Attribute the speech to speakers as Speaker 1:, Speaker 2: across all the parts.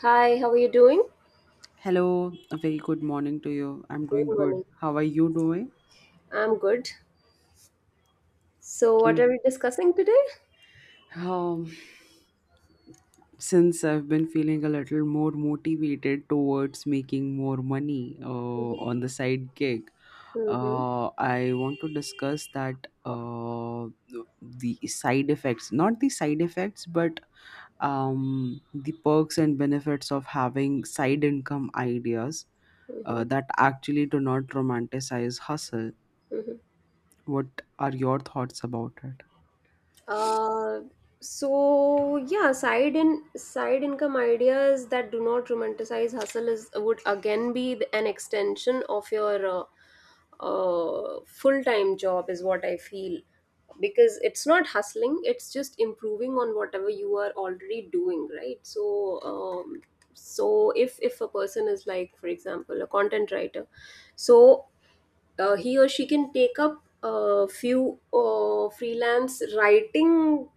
Speaker 1: Hi, how are you doing?
Speaker 2: Hello, a very good morning to you. I'm
Speaker 1: Good
Speaker 2: doing good.
Speaker 1: morning.
Speaker 2: How are you doing?
Speaker 1: I'm good. So, what
Speaker 2: Okay.
Speaker 1: are we discussing today?
Speaker 2: Um, since I've been feeling a little more motivated towards making more money,
Speaker 1: Mm-hmm.
Speaker 2: on the side gig,
Speaker 1: Mm-hmm.
Speaker 2: I want to discuss that, the side effects, not the side effects, but the perks and benefits of having side income ideas
Speaker 1: Mm-hmm.
Speaker 2: that actually do not romanticize hustle. What are your thoughts about it?
Speaker 1: Uh, so yeah, side income ideas that do not romanticize hustle is would again be an extension of your full time job is what I feel, because it's not hustling; it's just improving on whatever you are already doing, right? So. Um, so if a person is, like, for example, a content writer, so he or she can take up a few freelance writing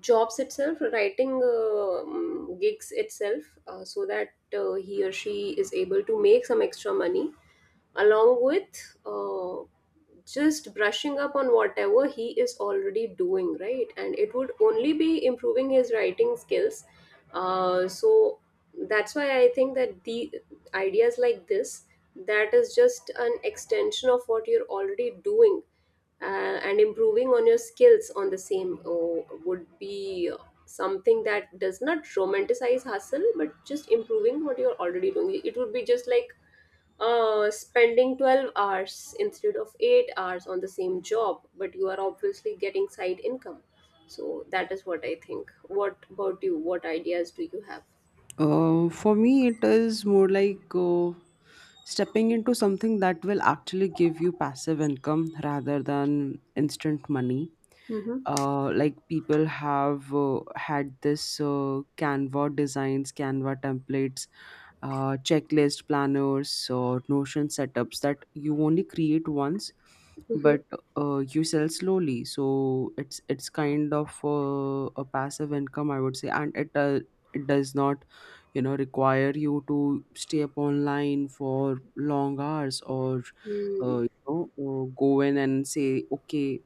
Speaker 1: jobs itself, writing gigs itself, so that he or she is able to make some extra money along with, just brushing up on whatever he is already doing, right? And it would only be improving his writing skills. So that's why I think that the ideas like this, that is just an extension of what you're already doing, uh, and improving on your skills on the same, would be something that does not romanticize hustle but just improving what you're already doing. It would be just like spending 12 hours instead of 8 hours on the same job, but you are obviously getting side income. So that is what I think. What about you? What ideas do you have?
Speaker 2: For me, it is more like stepping into something that will actually give you passive income rather than instant money.
Speaker 1: Mm-hmm.
Speaker 2: Like people have had this Canva designs, Canva templates, checklist planners, or Notion setups that you only create once,
Speaker 1: Mm-hmm.
Speaker 2: but you sell slowly. So it's kind of a passive income, I would say, and it does not require you to stay up online for long hours or,
Speaker 1: Mm.
Speaker 2: go in and say, okay,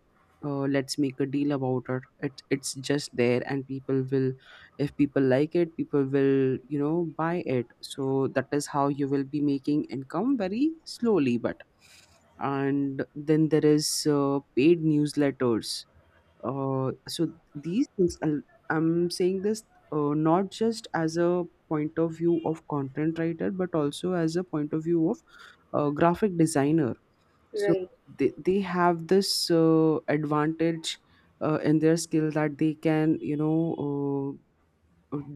Speaker 2: let's make a deal about it. It's just there, and people will, if people like it, people will buy it. So that is how you will be making income very slowly, but. And then there is paid newsletters. So these things I'll- I'm saying this not just as a point of view of content writer, but also as a point of view of graphic designer. So
Speaker 1: Right.
Speaker 2: they have this advantage in their skill, that they can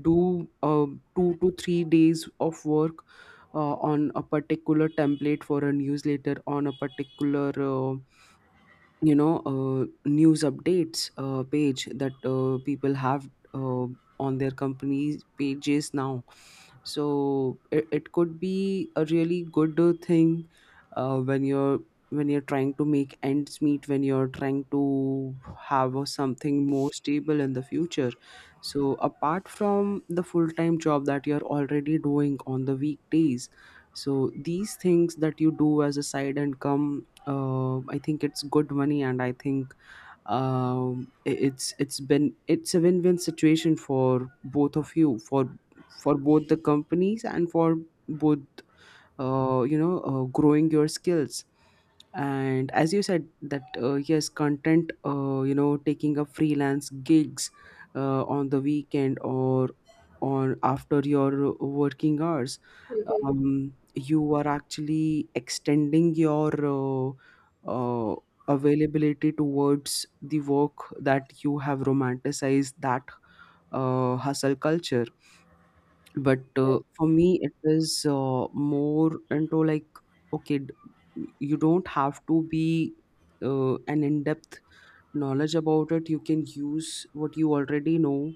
Speaker 2: do 2 to 3 days of work on a particular template for a newsletter, on a particular, news updates page that people have uh, on their company's pages now. So it could be a really good thing when you're, when you're trying to make ends meet, when you're trying to have something more stable in the future. So apart from the full-time job that you're already doing on the weekdays, so these things that you do as a side income, I think it's good money, and I think it's a win-win situation for both of you, for both the companies and for both, growing your skills. And as you said that, yes, content, taking up freelance gigs on the weekend or on, after your working hours,
Speaker 1: Mm-hmm.
Speaker 2: you are actually extending your uh, availability towards the work that you have romanticized, that hustle culture. But
Speaker 1: Right.
Speaker 2: for me, it is more into like, okay, you don't have to be an in-depth knowledge about it. You can use what you already know.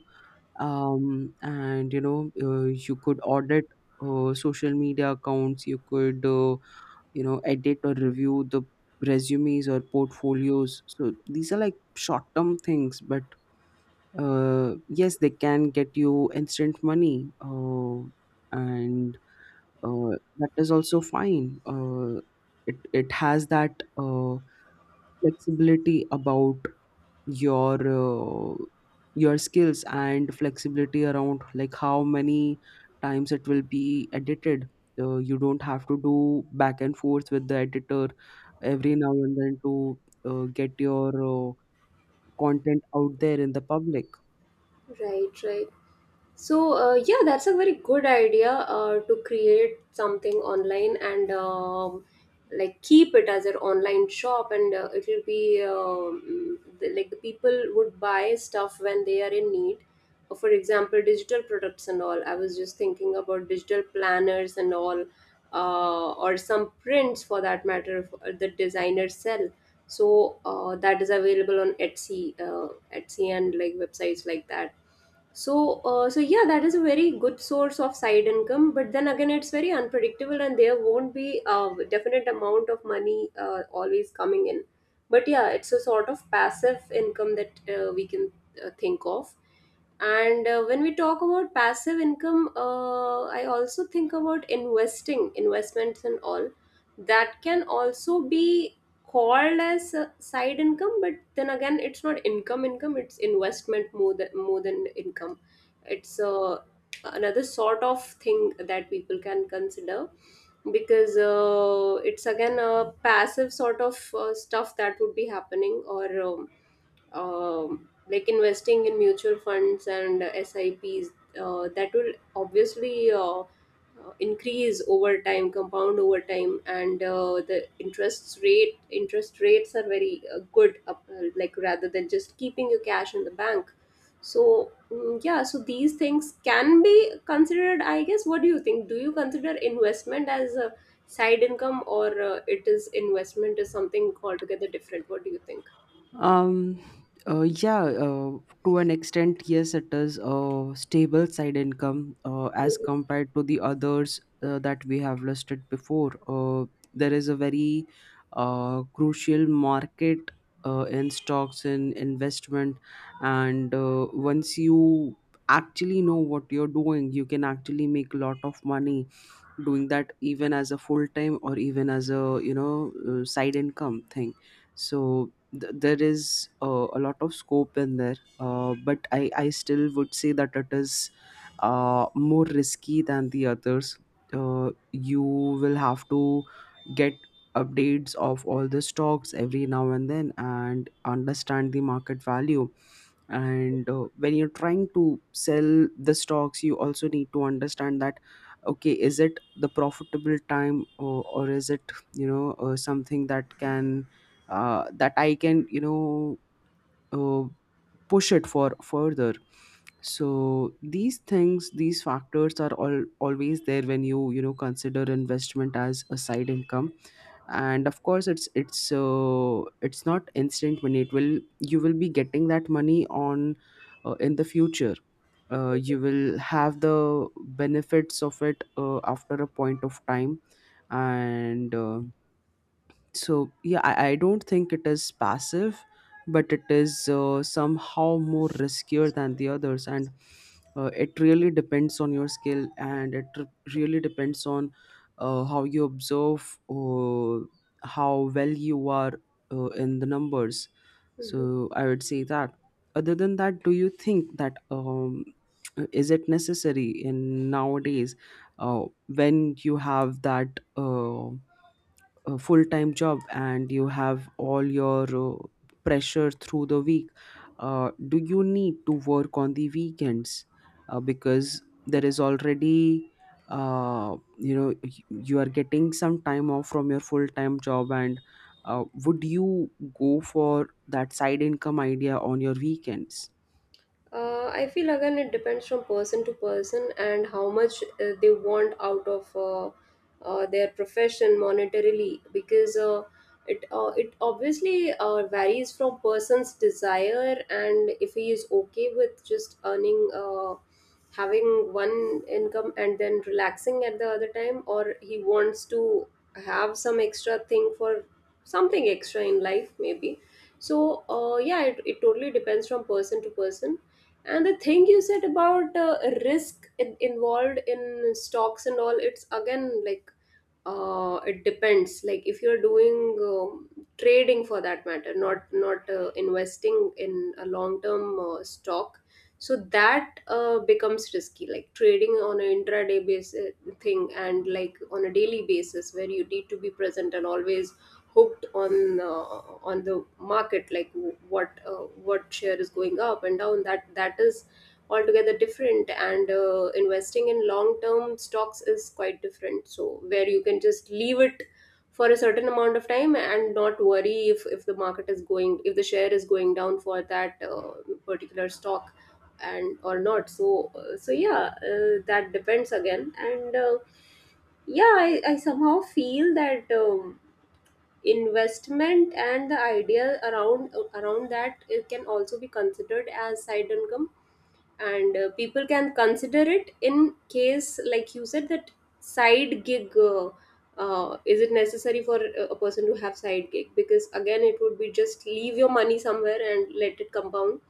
Speaker 2: And you know you could audit social media accounts. You could edit or review the resumes or portfolios. So these are like short term things, but yes, they can get you instant money, and uh, that is also fine. It it has that flexibility about your uh, your skills, and flexibility around like how many times it will be edited. You don't have to do back and forth with the editor every now and then to get your content out there in the public.
Speaker 1: Right. Right. So, yeah, that's a very good idea to create something online, and like, keep it as an online shop, and it will be, like, the people would buy stuff when they are in need. For example, digital products and all. I was just thinking about digital planners and all, or some prints for that matter, if, the designers sell. So, that is available on Etsy, and like websites like that. So yeah, that is a very good source of side income, but then again it's very unpredictable and there won't be a definite amount of money always coming in. But yeah, it's a sort of passive income that we can think of. And when we talk about passive income, I also think about investing, investments, and all that can also be called as a side income. But then again, it's not income. It's investment, more than income. It's another sort of thing that people can consider, because it's again a passive sort of stuff that would be happening, or. Like, investing in mutual funds and SIPs. That will obviously increase over time, compound over time, and the interest rates are very good, like, rather than just keeping your cash in the bank. So yeah, so these things can be considered, I guess. What do you think? Do you consider investment as a side income, or it is investment is something altogether different? What do you think?
Speaker 2: Um, yeah, to an extent, yes, it is a stable side income as
Speaker 1: Mhm.
Speaker 2: compared to the others that we have listed before. There is a very crucial market in stocks and investment, and once you actually know what you're doing, you can actually make a lot of money doing that, even as a full time or even as a, side income thing. So there is a lot of scope in there, but I still would say that it is more risky than the others. You will have to get updates of all the stocks every now and then, and understand the market value. And when you're trying to sell the stocks, you also need to understand that, okay, is it the profitable time, or is it, something that can, that I can, uh, push it for further. So these things, these factors are all always there when you know consider investment as a side income. And of course it's not instant money. It will, you will be getting that money on, in the future. You will have the benefits of it after a point of time. And So yeah, I don't think it is passive, but it is somehow more riskier than the others. And it really depends on your skill, and really depends on how you observe, how well you are in the numbers.
Speaker 1: Mhm.
Speaker 2: So I would say that, other than that, do you think that is it necessary in nowadays, when you have that a full-time job and you have all your pressure through the week, do you need to work on the weekends, because there is already, you are getting some time off from your full-time job? And would you go for that side income idea on your weekends?
Speaker 1: I feel, again, it depends from person to person and how much they want out of their profession monetarily, because it obviously varies from person's desire, and if he is okay with just earning. Having one income and then relaxing at the other time, or he wants to have some extra thing for something extra in life, maybe. So yeah, it totally depends from person to person. And the thing you said about involved in stocks and all, it's again, like, it depends. Like, if you're doing trading for that matter, not investing in a long term stock. So that becomes risky, like trading on an intraday basis thing, and like on a daily basis where you need to be present and always hooked on, on the market, like, what share is going up and down. That is altogether different. And investing in long term stocks is quite different, so where you can just leave it for a certain amount of time and not worry if the market is going, if the share is going down for that particular stock, and, or not. So yeah, that depends again. And yeah, I somehow feel that investment and the idea around that, it can also be considered as side income. And people can consider it, in case, like you said that, side gig, is it necessary for a person to have side gig? Because, again, it would be just leave your money somewhere and let it compound,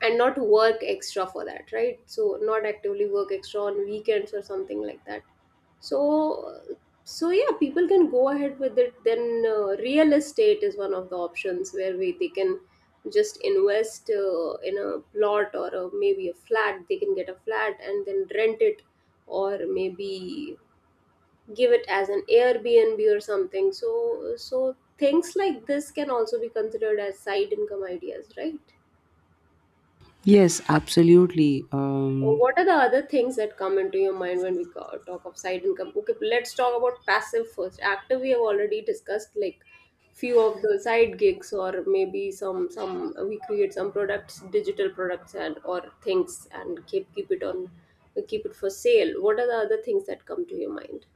Speaker 1: and not work extra for that, right? So, not actively work extra on weekends or something like that. So so yeah, people can go ahead with it. Then real estate is one of the options where we they can just invest in a plot or a, maybe a flat. They can get a flat and then rent it, or maybe give it as an Airbnb or something. So things like this can also be considered as side income ideas, right?
Speaker 2: Yes, absolutely.
Speaker 1: Or what are the other things that come into your mind when we talk of side income? Okay, let's talk about passive first. Active, we have already discussed, like, few of the side gigs, or maybe some, we create some products, digital products and or things, and keep it for sale. What are the other things that come to your mind?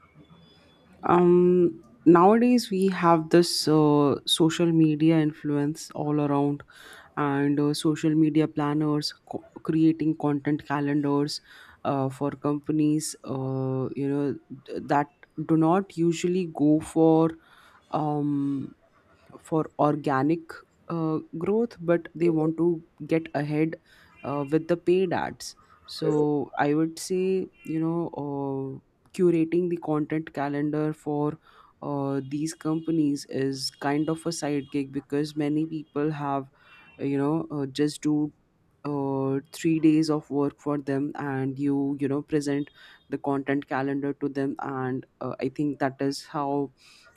Speaker 2: Nowadays we have this social media influence all around. And social media planners, creating content calendars for companies, that do not usually go um for organic growth, but they want to get ahead with the paid ads.
Speaker 1: Mhm.
Speaker 2: So I would say, curating the content calendar for these companies is kind of a sidekick, because many people have, just do 3 days of work for them, and you know present the content calendar to them. And I think that is how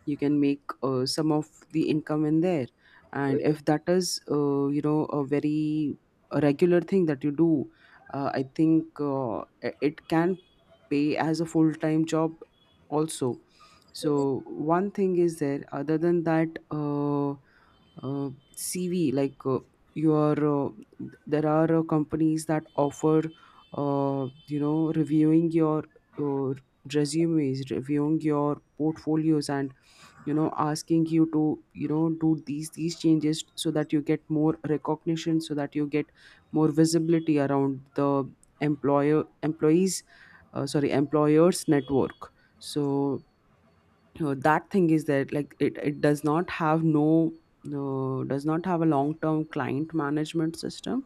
Speaker 2: you can make some of the income in there. And
Speaker 1: Mhm.
Speaker 2: if that is a very, a regular thing that you do, I think it can pay as a full time job also.
Speaker 1: Mhm. Mhm.
Speaker 2: So one thing is there. Other than that uh, CV, like your there are companies that offer, reviewing your uh, resumes, reviewing your portfolios, and asking you to, do these changes, so that you get more recognition, so that you get more visibility around the employer employees, sorry, employers' network. So that thing is that, like, it does not have no no does not have a long term client management system,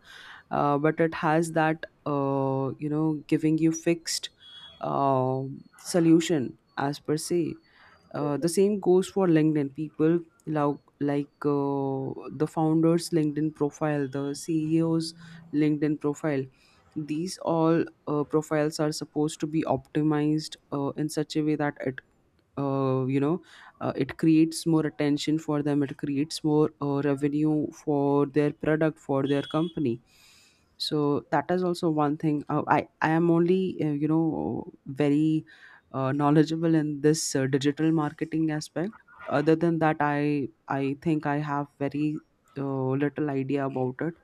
Speaker 2: but it has that, giving you fixed uh, solution, as per se.
Speaker 1: Mhm. Mhm.
Speaker 2: The same goes for LinkedIn. People like the founders' LinkedIn profile, the CEO's LinkedIn profile. These all profiles are supposed to be optimized in such a way that it, uh, you know it creates more attention for them, it creates more revenue for their product, for their company. So that is also one thing. I am only very knowledgeable in this digital marketing aspect. Other than that, I think I have very little idea about it.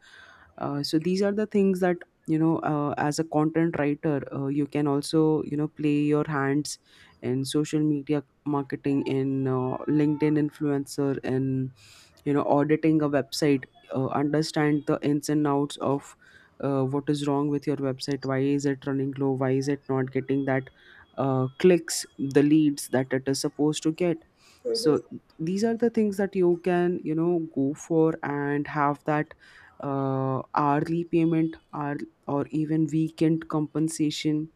Speaker 2: So these are the things that, as a content writer, you can also, play your hands in social media marketing, in LinkedIn influencer, and auditing a website, understand the ins and outs of what is wrong with your website, why is it running low, why is it not getting that clicks, the leads that it is supposed to get.
Speaker 1: Mhm.
Speaker 2: So these are the things that you can, go for, and have that hourly payment, or even weekend compensation,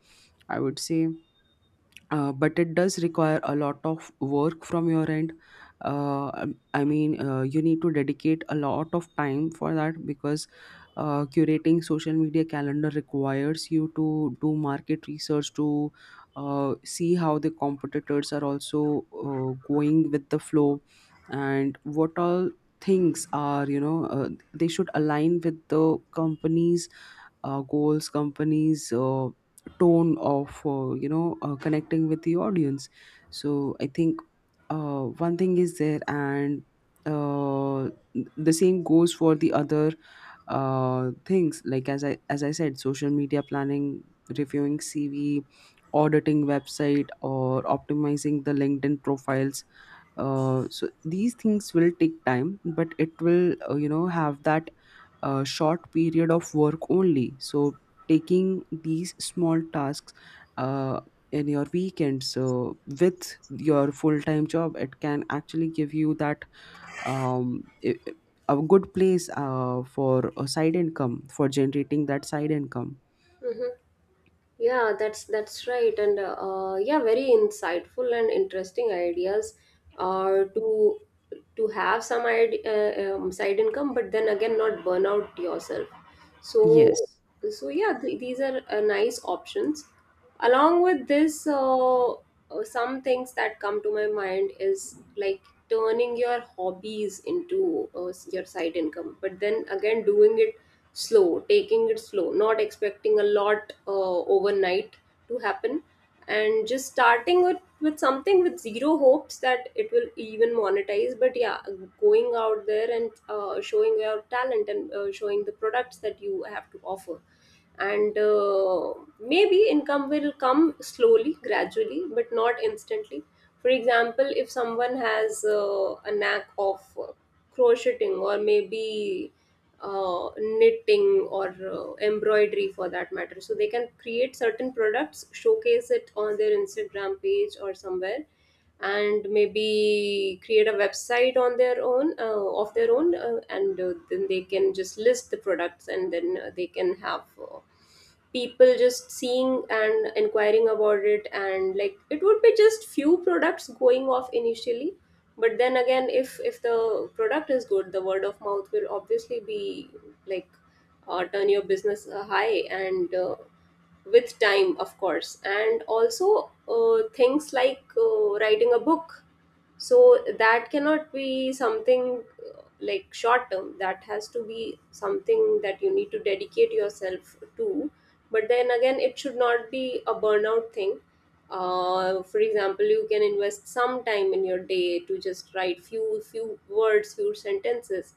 Speaker 2: I would say. But it does require a lot of work from your end. I mean, you need to dedicate a lot of time for that, because curating social media calendar requires you to do market research, to see how the competitors are also going with the flow, and what all things are, they should align with the company's goals, companies tone of, connecting with the audience. So I think one thing is there. And uh, the same goes for the other things, like as I said, social media planning, reviewing CV, auditing website, or optimizing the LinkedIn profiles. So these things will take time, but it will, have that short period of work only. So taking these small tasks uh, in your weekends, with your full-time job, it can actually give you that, um, i- i- a good place for a side income, for generating that side income.
Speaker 1: Mhm. Yeah, that's right, and yeah, very insightful and interesting ideas, are to have some side income, but then again not burn out yourself. So
Speaker 2: Yes.
Speaker 1: so yeah, these are nice options. Along with this, some things that come to my mind is, like, turning your hobbies into your side income, but then again doing it slow, taking it slow, not expecting a lot, overnight, to happen. And just starting with something with zero hopes that it will even monetize. But yeah, going out there and showing your talent and showing the products that you have to offer. And maybe income will come slowly, gradually, but not instantly. For example, if someone has a knack of crocheting, or maybe knitting, or embroidery for that matter, so they can create certain products, showcase it on their Instagram page or somewhere, and maybe create a website on their own, of their own, and then they can just list the products, and then they can have people just seeing and inquiring about it, and, like, it would be just few products going off initially. But then again, if the product is good, the word of mouth will obviously be, like, turn your business high, and with time, of course. And also things like writing a book. So that cannot be something like short term; that has to be something that you need to dedicate yourself to. But then again, it should not be a burnout thing. For example, you can invest some time in your day to just write few words, few sentences.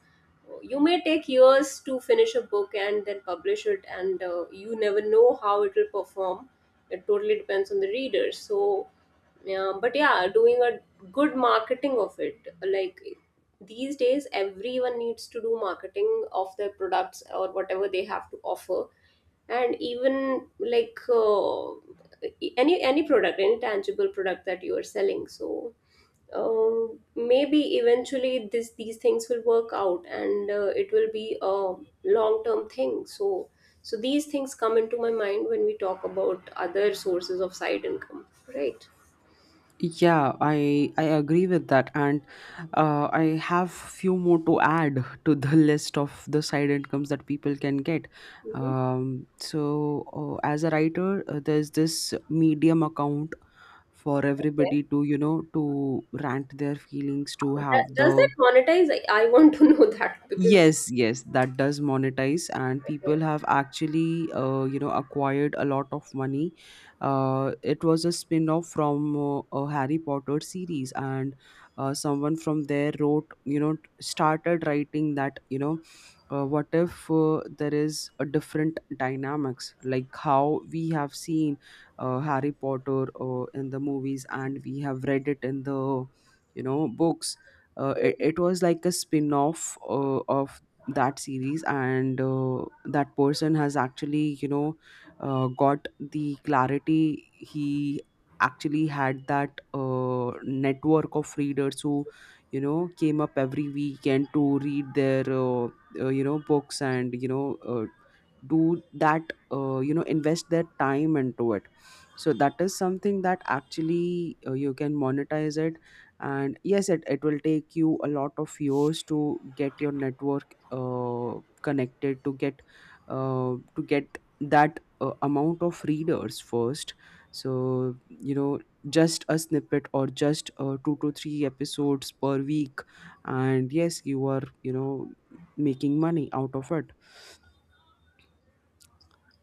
Speaker 1: You may take years to finish a book and then publish it, and you never know how it will perform. It totally depends on the reader. So yeah, but yeah, doing a good marketing of it, like, these days everyone needs to do marketing of their products or whatever they have to offer. And even like any product, any tangible product that you are selling. So maybe eventually this these things will work out, and it will be a long term thing. So these things come into my mind when we talk about other sources of side income, right?
Speaker 2: Yeah, I agree with that, and I have few more to add to the list of the side incomes that people can get.
Speaker 1: Hmm.
Speaker 2: Um, so, as a writer, there's this Medium account for
Speaker 1: Okay.
Speaker 2: everybody to to rant their feelings, to have
Speaker 1: Does
Speaker 2: the.
Speaker 1: that monetize? I want to know that, because...
Speaker 2: Yes, yes, that does monetize, and
Speaker 1: Yeah.
Speaker 2: people have actually, acquired a lot of money. It was a spin off from a Harry Potter series, and someone from there started writing that, what if there is a different dynamics, like how we have seen Harry Potter in the movies, and we have read it in the, books. uh, it,
Speaker 1: Mhm.
Speaker 2: it was like a spin-off of that series, and that person has actually, got the clarity. He actually had that network of readers who, came up every weekend to read their books, and do that, invest their time into it. So that is something that actually, you can monetize it. And yes, it will take you a lot of years to get your network connected, to get that amount of readers first. So, just a snippet, or just two to three episodes per week, and yes, you are, making money out of it.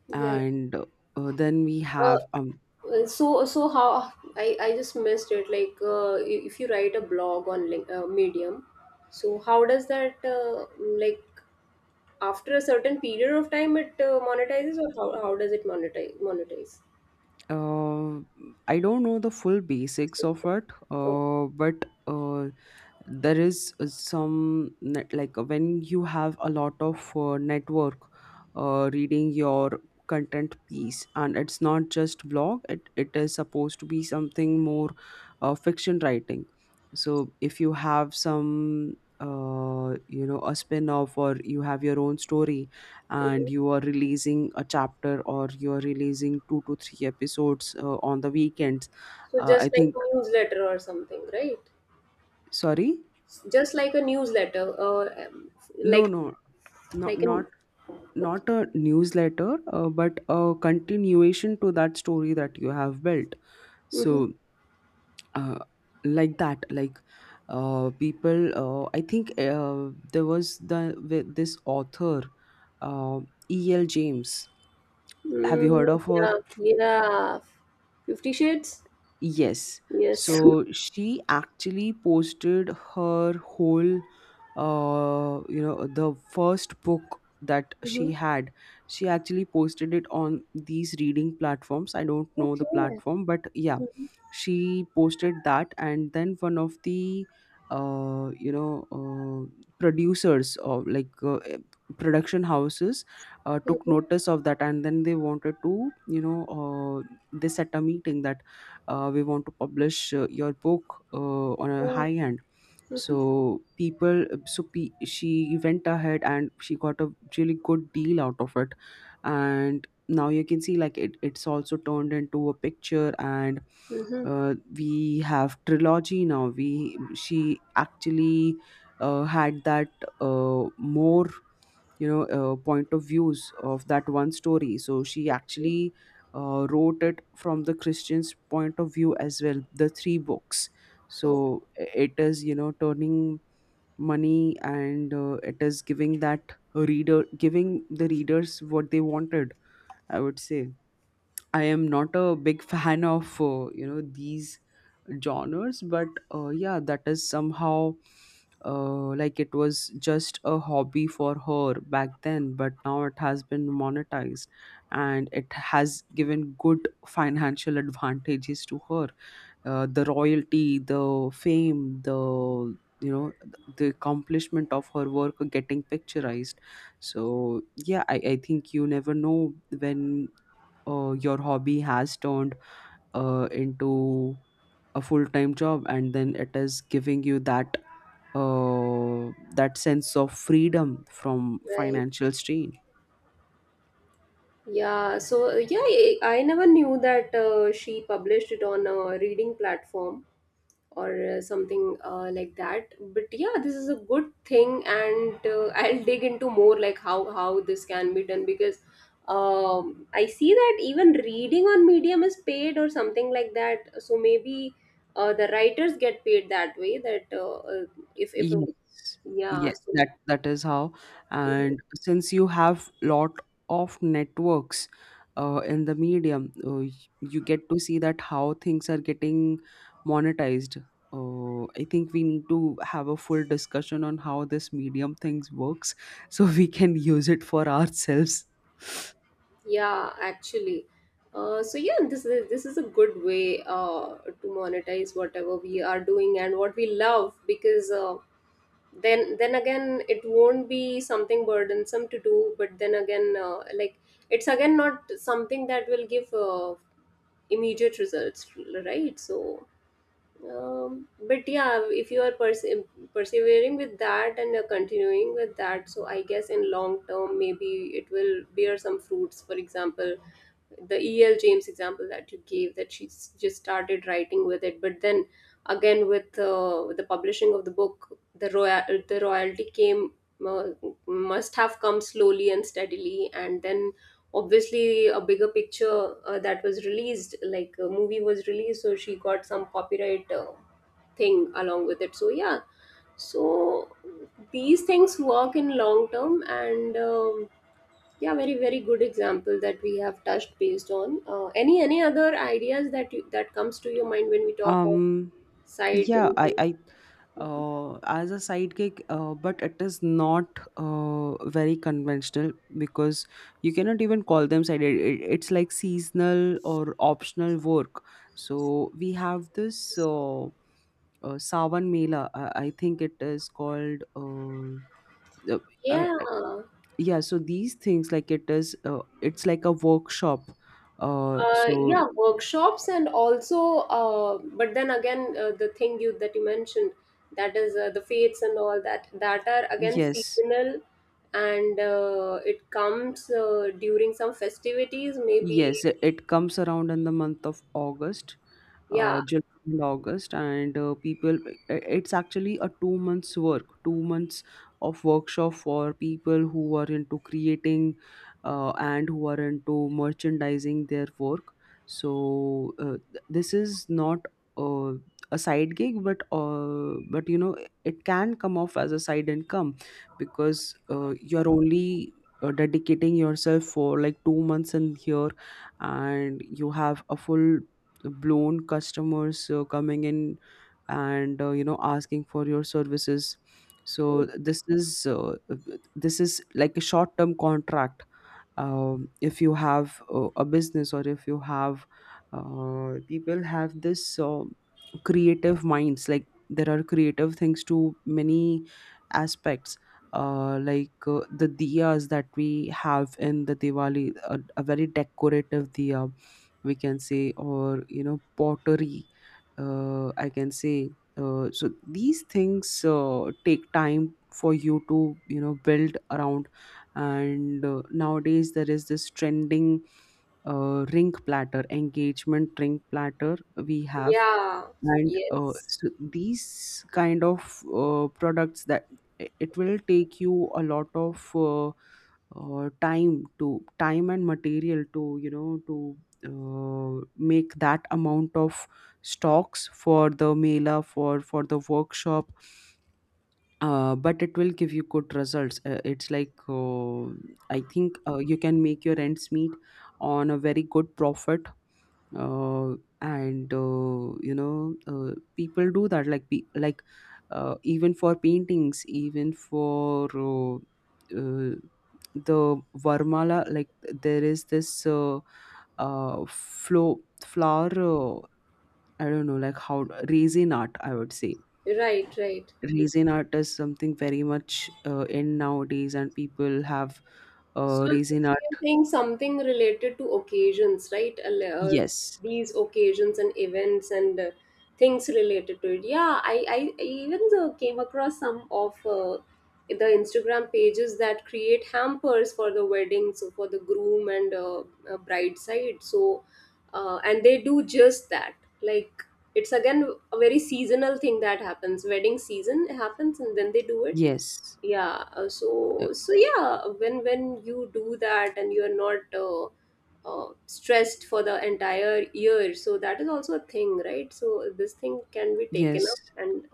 Speaker 1: Yeah.
Speaker 2: And then we
Speaker 1: Uh,
Speaker 2: have
Speaker 1: so how I just missed it, like, if you write a blog on Medium, so how does that like, after a certain period of time it monetizes, or how does it monetize?
Speaker 2: uh, I don't know the full basics
Speaker 1: Okay.
Speaker 2: of it, but there is some net, like when you have a lot of network reading your content piece. And it's not just blog, it is supposed to be something more, fiction writing. So if you have some, a spin-off, or you have your own story, and
Speaker 1: Mhm.
Speaker 2: you are releasing a chapter, or you are releasing two to three episodes on the weekends.
Speaker 1: So
Speaker 2: I
Speaker 1: just like
Speaker 2: think,
Speaker 1: a newsletter or something, right?
Speaker 2: sorry.
Speaker 1: Just like a newsletter or
Speaker 2: No,
Speaker 1: like
Speaker 2: no, not
Speaker 1: like
Speaker 2: not
Speaker 1: an... Okay.
Speaker 2: not a newsletter, but a continuation to that story that you have built.
Speaker 1: Mm-hmm.
Speaker 2: So, uh, like that, like uh, people, I think there was the with this author, uh, E.L. James. Have you
Speaker 1: Mm,
Speaker 2: heard of her?
Speaker 1: yeah. Yeah. Fifty Shades.
Speaker 2: Yes.
Speaker 1: Yes.
Speaker 2: So she actually posted her whole, the first book that
Speaker 1: Hmm.
Speaker 2: she had. She actually posted it on these reading platforms. I don't know the
Speaker 1: Okay.
Speaker 2: platform, but yeah, she posted that. And then one of the, producers of, like production houses, took
Speaker 1: Mhm.
Speaker 2: notice of that, and then they wanted to, they set a meeting that we want to publish your book on a
Speaker 1: Oh.
Speaker 2: high end.
Speaker 1: Mhm.
Speaker 2: She went ahead and she got a really good deal out of it, and now you can see, like, it's also turned into a picture. And
Speaker 1: Mhm.
Speaker 2: we have trilogy now. We She actually had that more, point of views of that one story, so she actually wrote it from the Christian's point of view as well, the three books.
Speaker 1: Okay.
Speaker 2: So it is, turning money, and it is giving that reader, giving the readers what they wanted, I would say. I am not a big fan of, these genres, but yeah, that is somehow, like it was just a hobby for her back then, but now it has been monetized, and it has given good financial advantages to her, the royalty, the fame, the, the accomplishment of her work are getting picturized. So yeah, I think you never know when your hobby has turned into a full-time job, and then it is giving you that sense of freedom from
Speaker 1: Right.
Speaker 2: financial strain.
Speaker 1: Yeah. So, yeah, I never knew that she published it on a reading platform, or something like that. But yeah, this is a good thing, and I'll dig into more, like, how this can be done, because I see that even reading on Medium is paid or something like that. So maybe the writers get paid that way. That if a,
Speaker 2: Yes,
Speaker 1: yeah,
Speaker 2: yes,
Speaker 1: so.
Speaker 2: that is how.
Speaker 1: Mm-hmm.
Speaker 2: And since you have lot of networks in the medium, you get to see that how things are getting monetized. I think we need to have a full discussion on how this medium things works, so we can use it for ourselves.
Speaker 1: Yeah, actually. So yeah, this is a good way to monetize whatever we are doing and what we love, because then again, it won't be something burdensome to do, but then again, like, it's again not something that will give immediate results, right? So, but yeah, if you are persevering with that, and you're continuing with that, so I guess in long term, maybe it will bear some fruits. For example, the el james example that you gave, that she's just started writing with it, but then again, with the publishing of the book, the royalty came, uh, must have come slowly and steadily, and then obviously a bigger picture, that was released, like a movie was released, so she got some copyright thing along with it. So yeah, so these things work in long term. And yeah, very, very good example that we have touched based on. Any other ideas that comes to your mind when we talk of
Speaker 2: Um,
Speaker 1: side
Speaker 2: yeah,
Speaker 1: income?
Speaker 2: I
Speaker 1: Mhm.
Speaker 2: as a sidekick, but it is not very conventional, because you cannot even call them side. It's like seasonal or optional work. So we have this, Sawan Mela, I think it is called. Uh,
Speaker 1: Yeah,
Speaker 2: uh, yeah, so these things, like it is, it's like a workshop. Uh,
Speaker 1: yeah,
Speaker 2: so
Speaker 1: workshops, and also but then again, the thing you that you mentioned, that is the fates and all, that are again
Speaker 2: yes,
Speaker 1: seasonal, and it comes during some festivities, maybe.
Speaker 2: yes, it comes around in the month of August,
Speaker 1: Yeah.
Speaker 2: July and August, and people. It's actually a 2 months work, 2 months of workshop for people who are into creating, and who are into merchandising their work. So this is not uh, a side gig, but it can come off as a side income, because you're only dedicating yourself for like 2 months in here, and you have a full blown customers coming in, and asking for your services.
Speaker 1: Hmm.
Speaker 2: So this is like a short term contract. If you have a business, or if you have people have this creative minds, like there are creative things to many aspects. Like the diyas that we have in the Diwali, a very decorative diya, we can say, or you know, pottery, I can say. So these things take time for you to, build around. And nowadays there is this trending, ring platter, engagement ring platter we have.
Speaker 1: Yeah.
Speaker 2: And
Speaker 1: Yes.
Speaker 2: so these kind of products that, it will take you a lot of time to time and material to, make that amount of stocks for the mela, for the workshop. But it will give you good results, it's like, I think you can make your ends meet on a very good profit. And you know People do that, like even for paintings, even for uh, the varmala, like there is this uh flow flower, I don't know, like how, raisin art, I would say.
Speaker 1: Right. Right.
Speaker 2: Raisin art is something very much, in nowadays, and people have
Speaker 1: So,
Speaker 2: raisin
Speaker 1: so you're
Speaker 2: art.
Speaker 1: saying something related to occasions, right?
Speaker 2: Yes,
Speaker 1: These occasions and events and things related to it. Yeah, I even came across some of the Instagram pages that create hampers for the wedding, so for the groom and bride side. So, and they do just that. Like, it's again a very seasonal thing that happens. Wedding season happens, and then they do it.
Speaker 2: yes,
Speaker 1: Yeah. uh,
Speaker 2: uh,
Speaker 1: so so yeah, when you do that and you're not stressed for the entire year. So that is also a thing, right? So this thing can be
Speaker 2: yes.
Speaker 1: taken up. And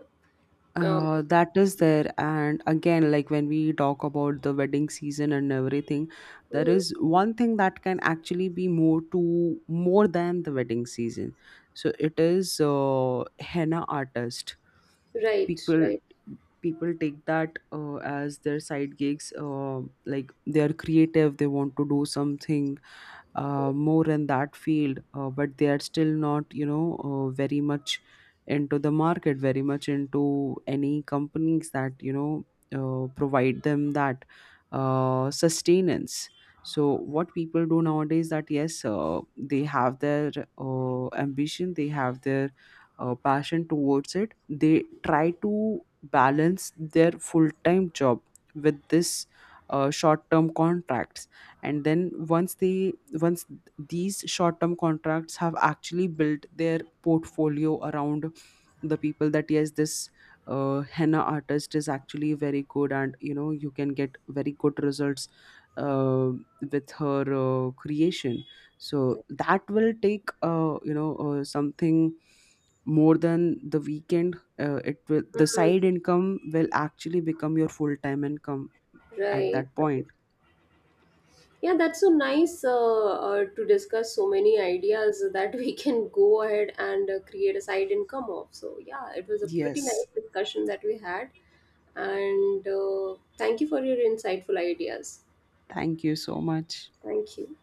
Speaker 1: uh,
Speaker 2: That is there, and again, like when we talk about the wedding season and everything, there
Speaker 1: mhm.
Speaker 2: is one thing that can actually be more to more than the wedding season. So it is, henna artist.
Speaker 1: Right.
Speaker 2: People
Speaker 1: Right.
Speaker 2: people take that as their side gigs. Like they are creative, they want to do something more in that field, but they are still not, very much into the market, very much into any companies that, provide them that sustenance. So what people do nowadays, that yes, they have their ambition, they have their passion towards it. They try to balance their full-time job with this, short-term contracts. And then once they once these short term contracts have actually built their portfolio around, the people that yes this henna artist is actually very good, and you know you can get very good results uh, with her creation. So
Speaker 1: Right.
Speaker 2: that will take, something more than the weekend. It will The side
Speaker 1: Mhm.
Speaker 2: income will actually become your full time income at
Speaker 1: Right.
Speaker 2: that point.
Speaker 1: Right. Yeah, that's so nice, to discuss so many ideas that we can go ahead and create a side income of. So yeah, it was a pretty
Speaker 2: Yes.
Speaker 1: nice discussion that we had. And thank you for your insightful ideas.
Speaker 2: Thank you so much.
Speaker 1: Thank you.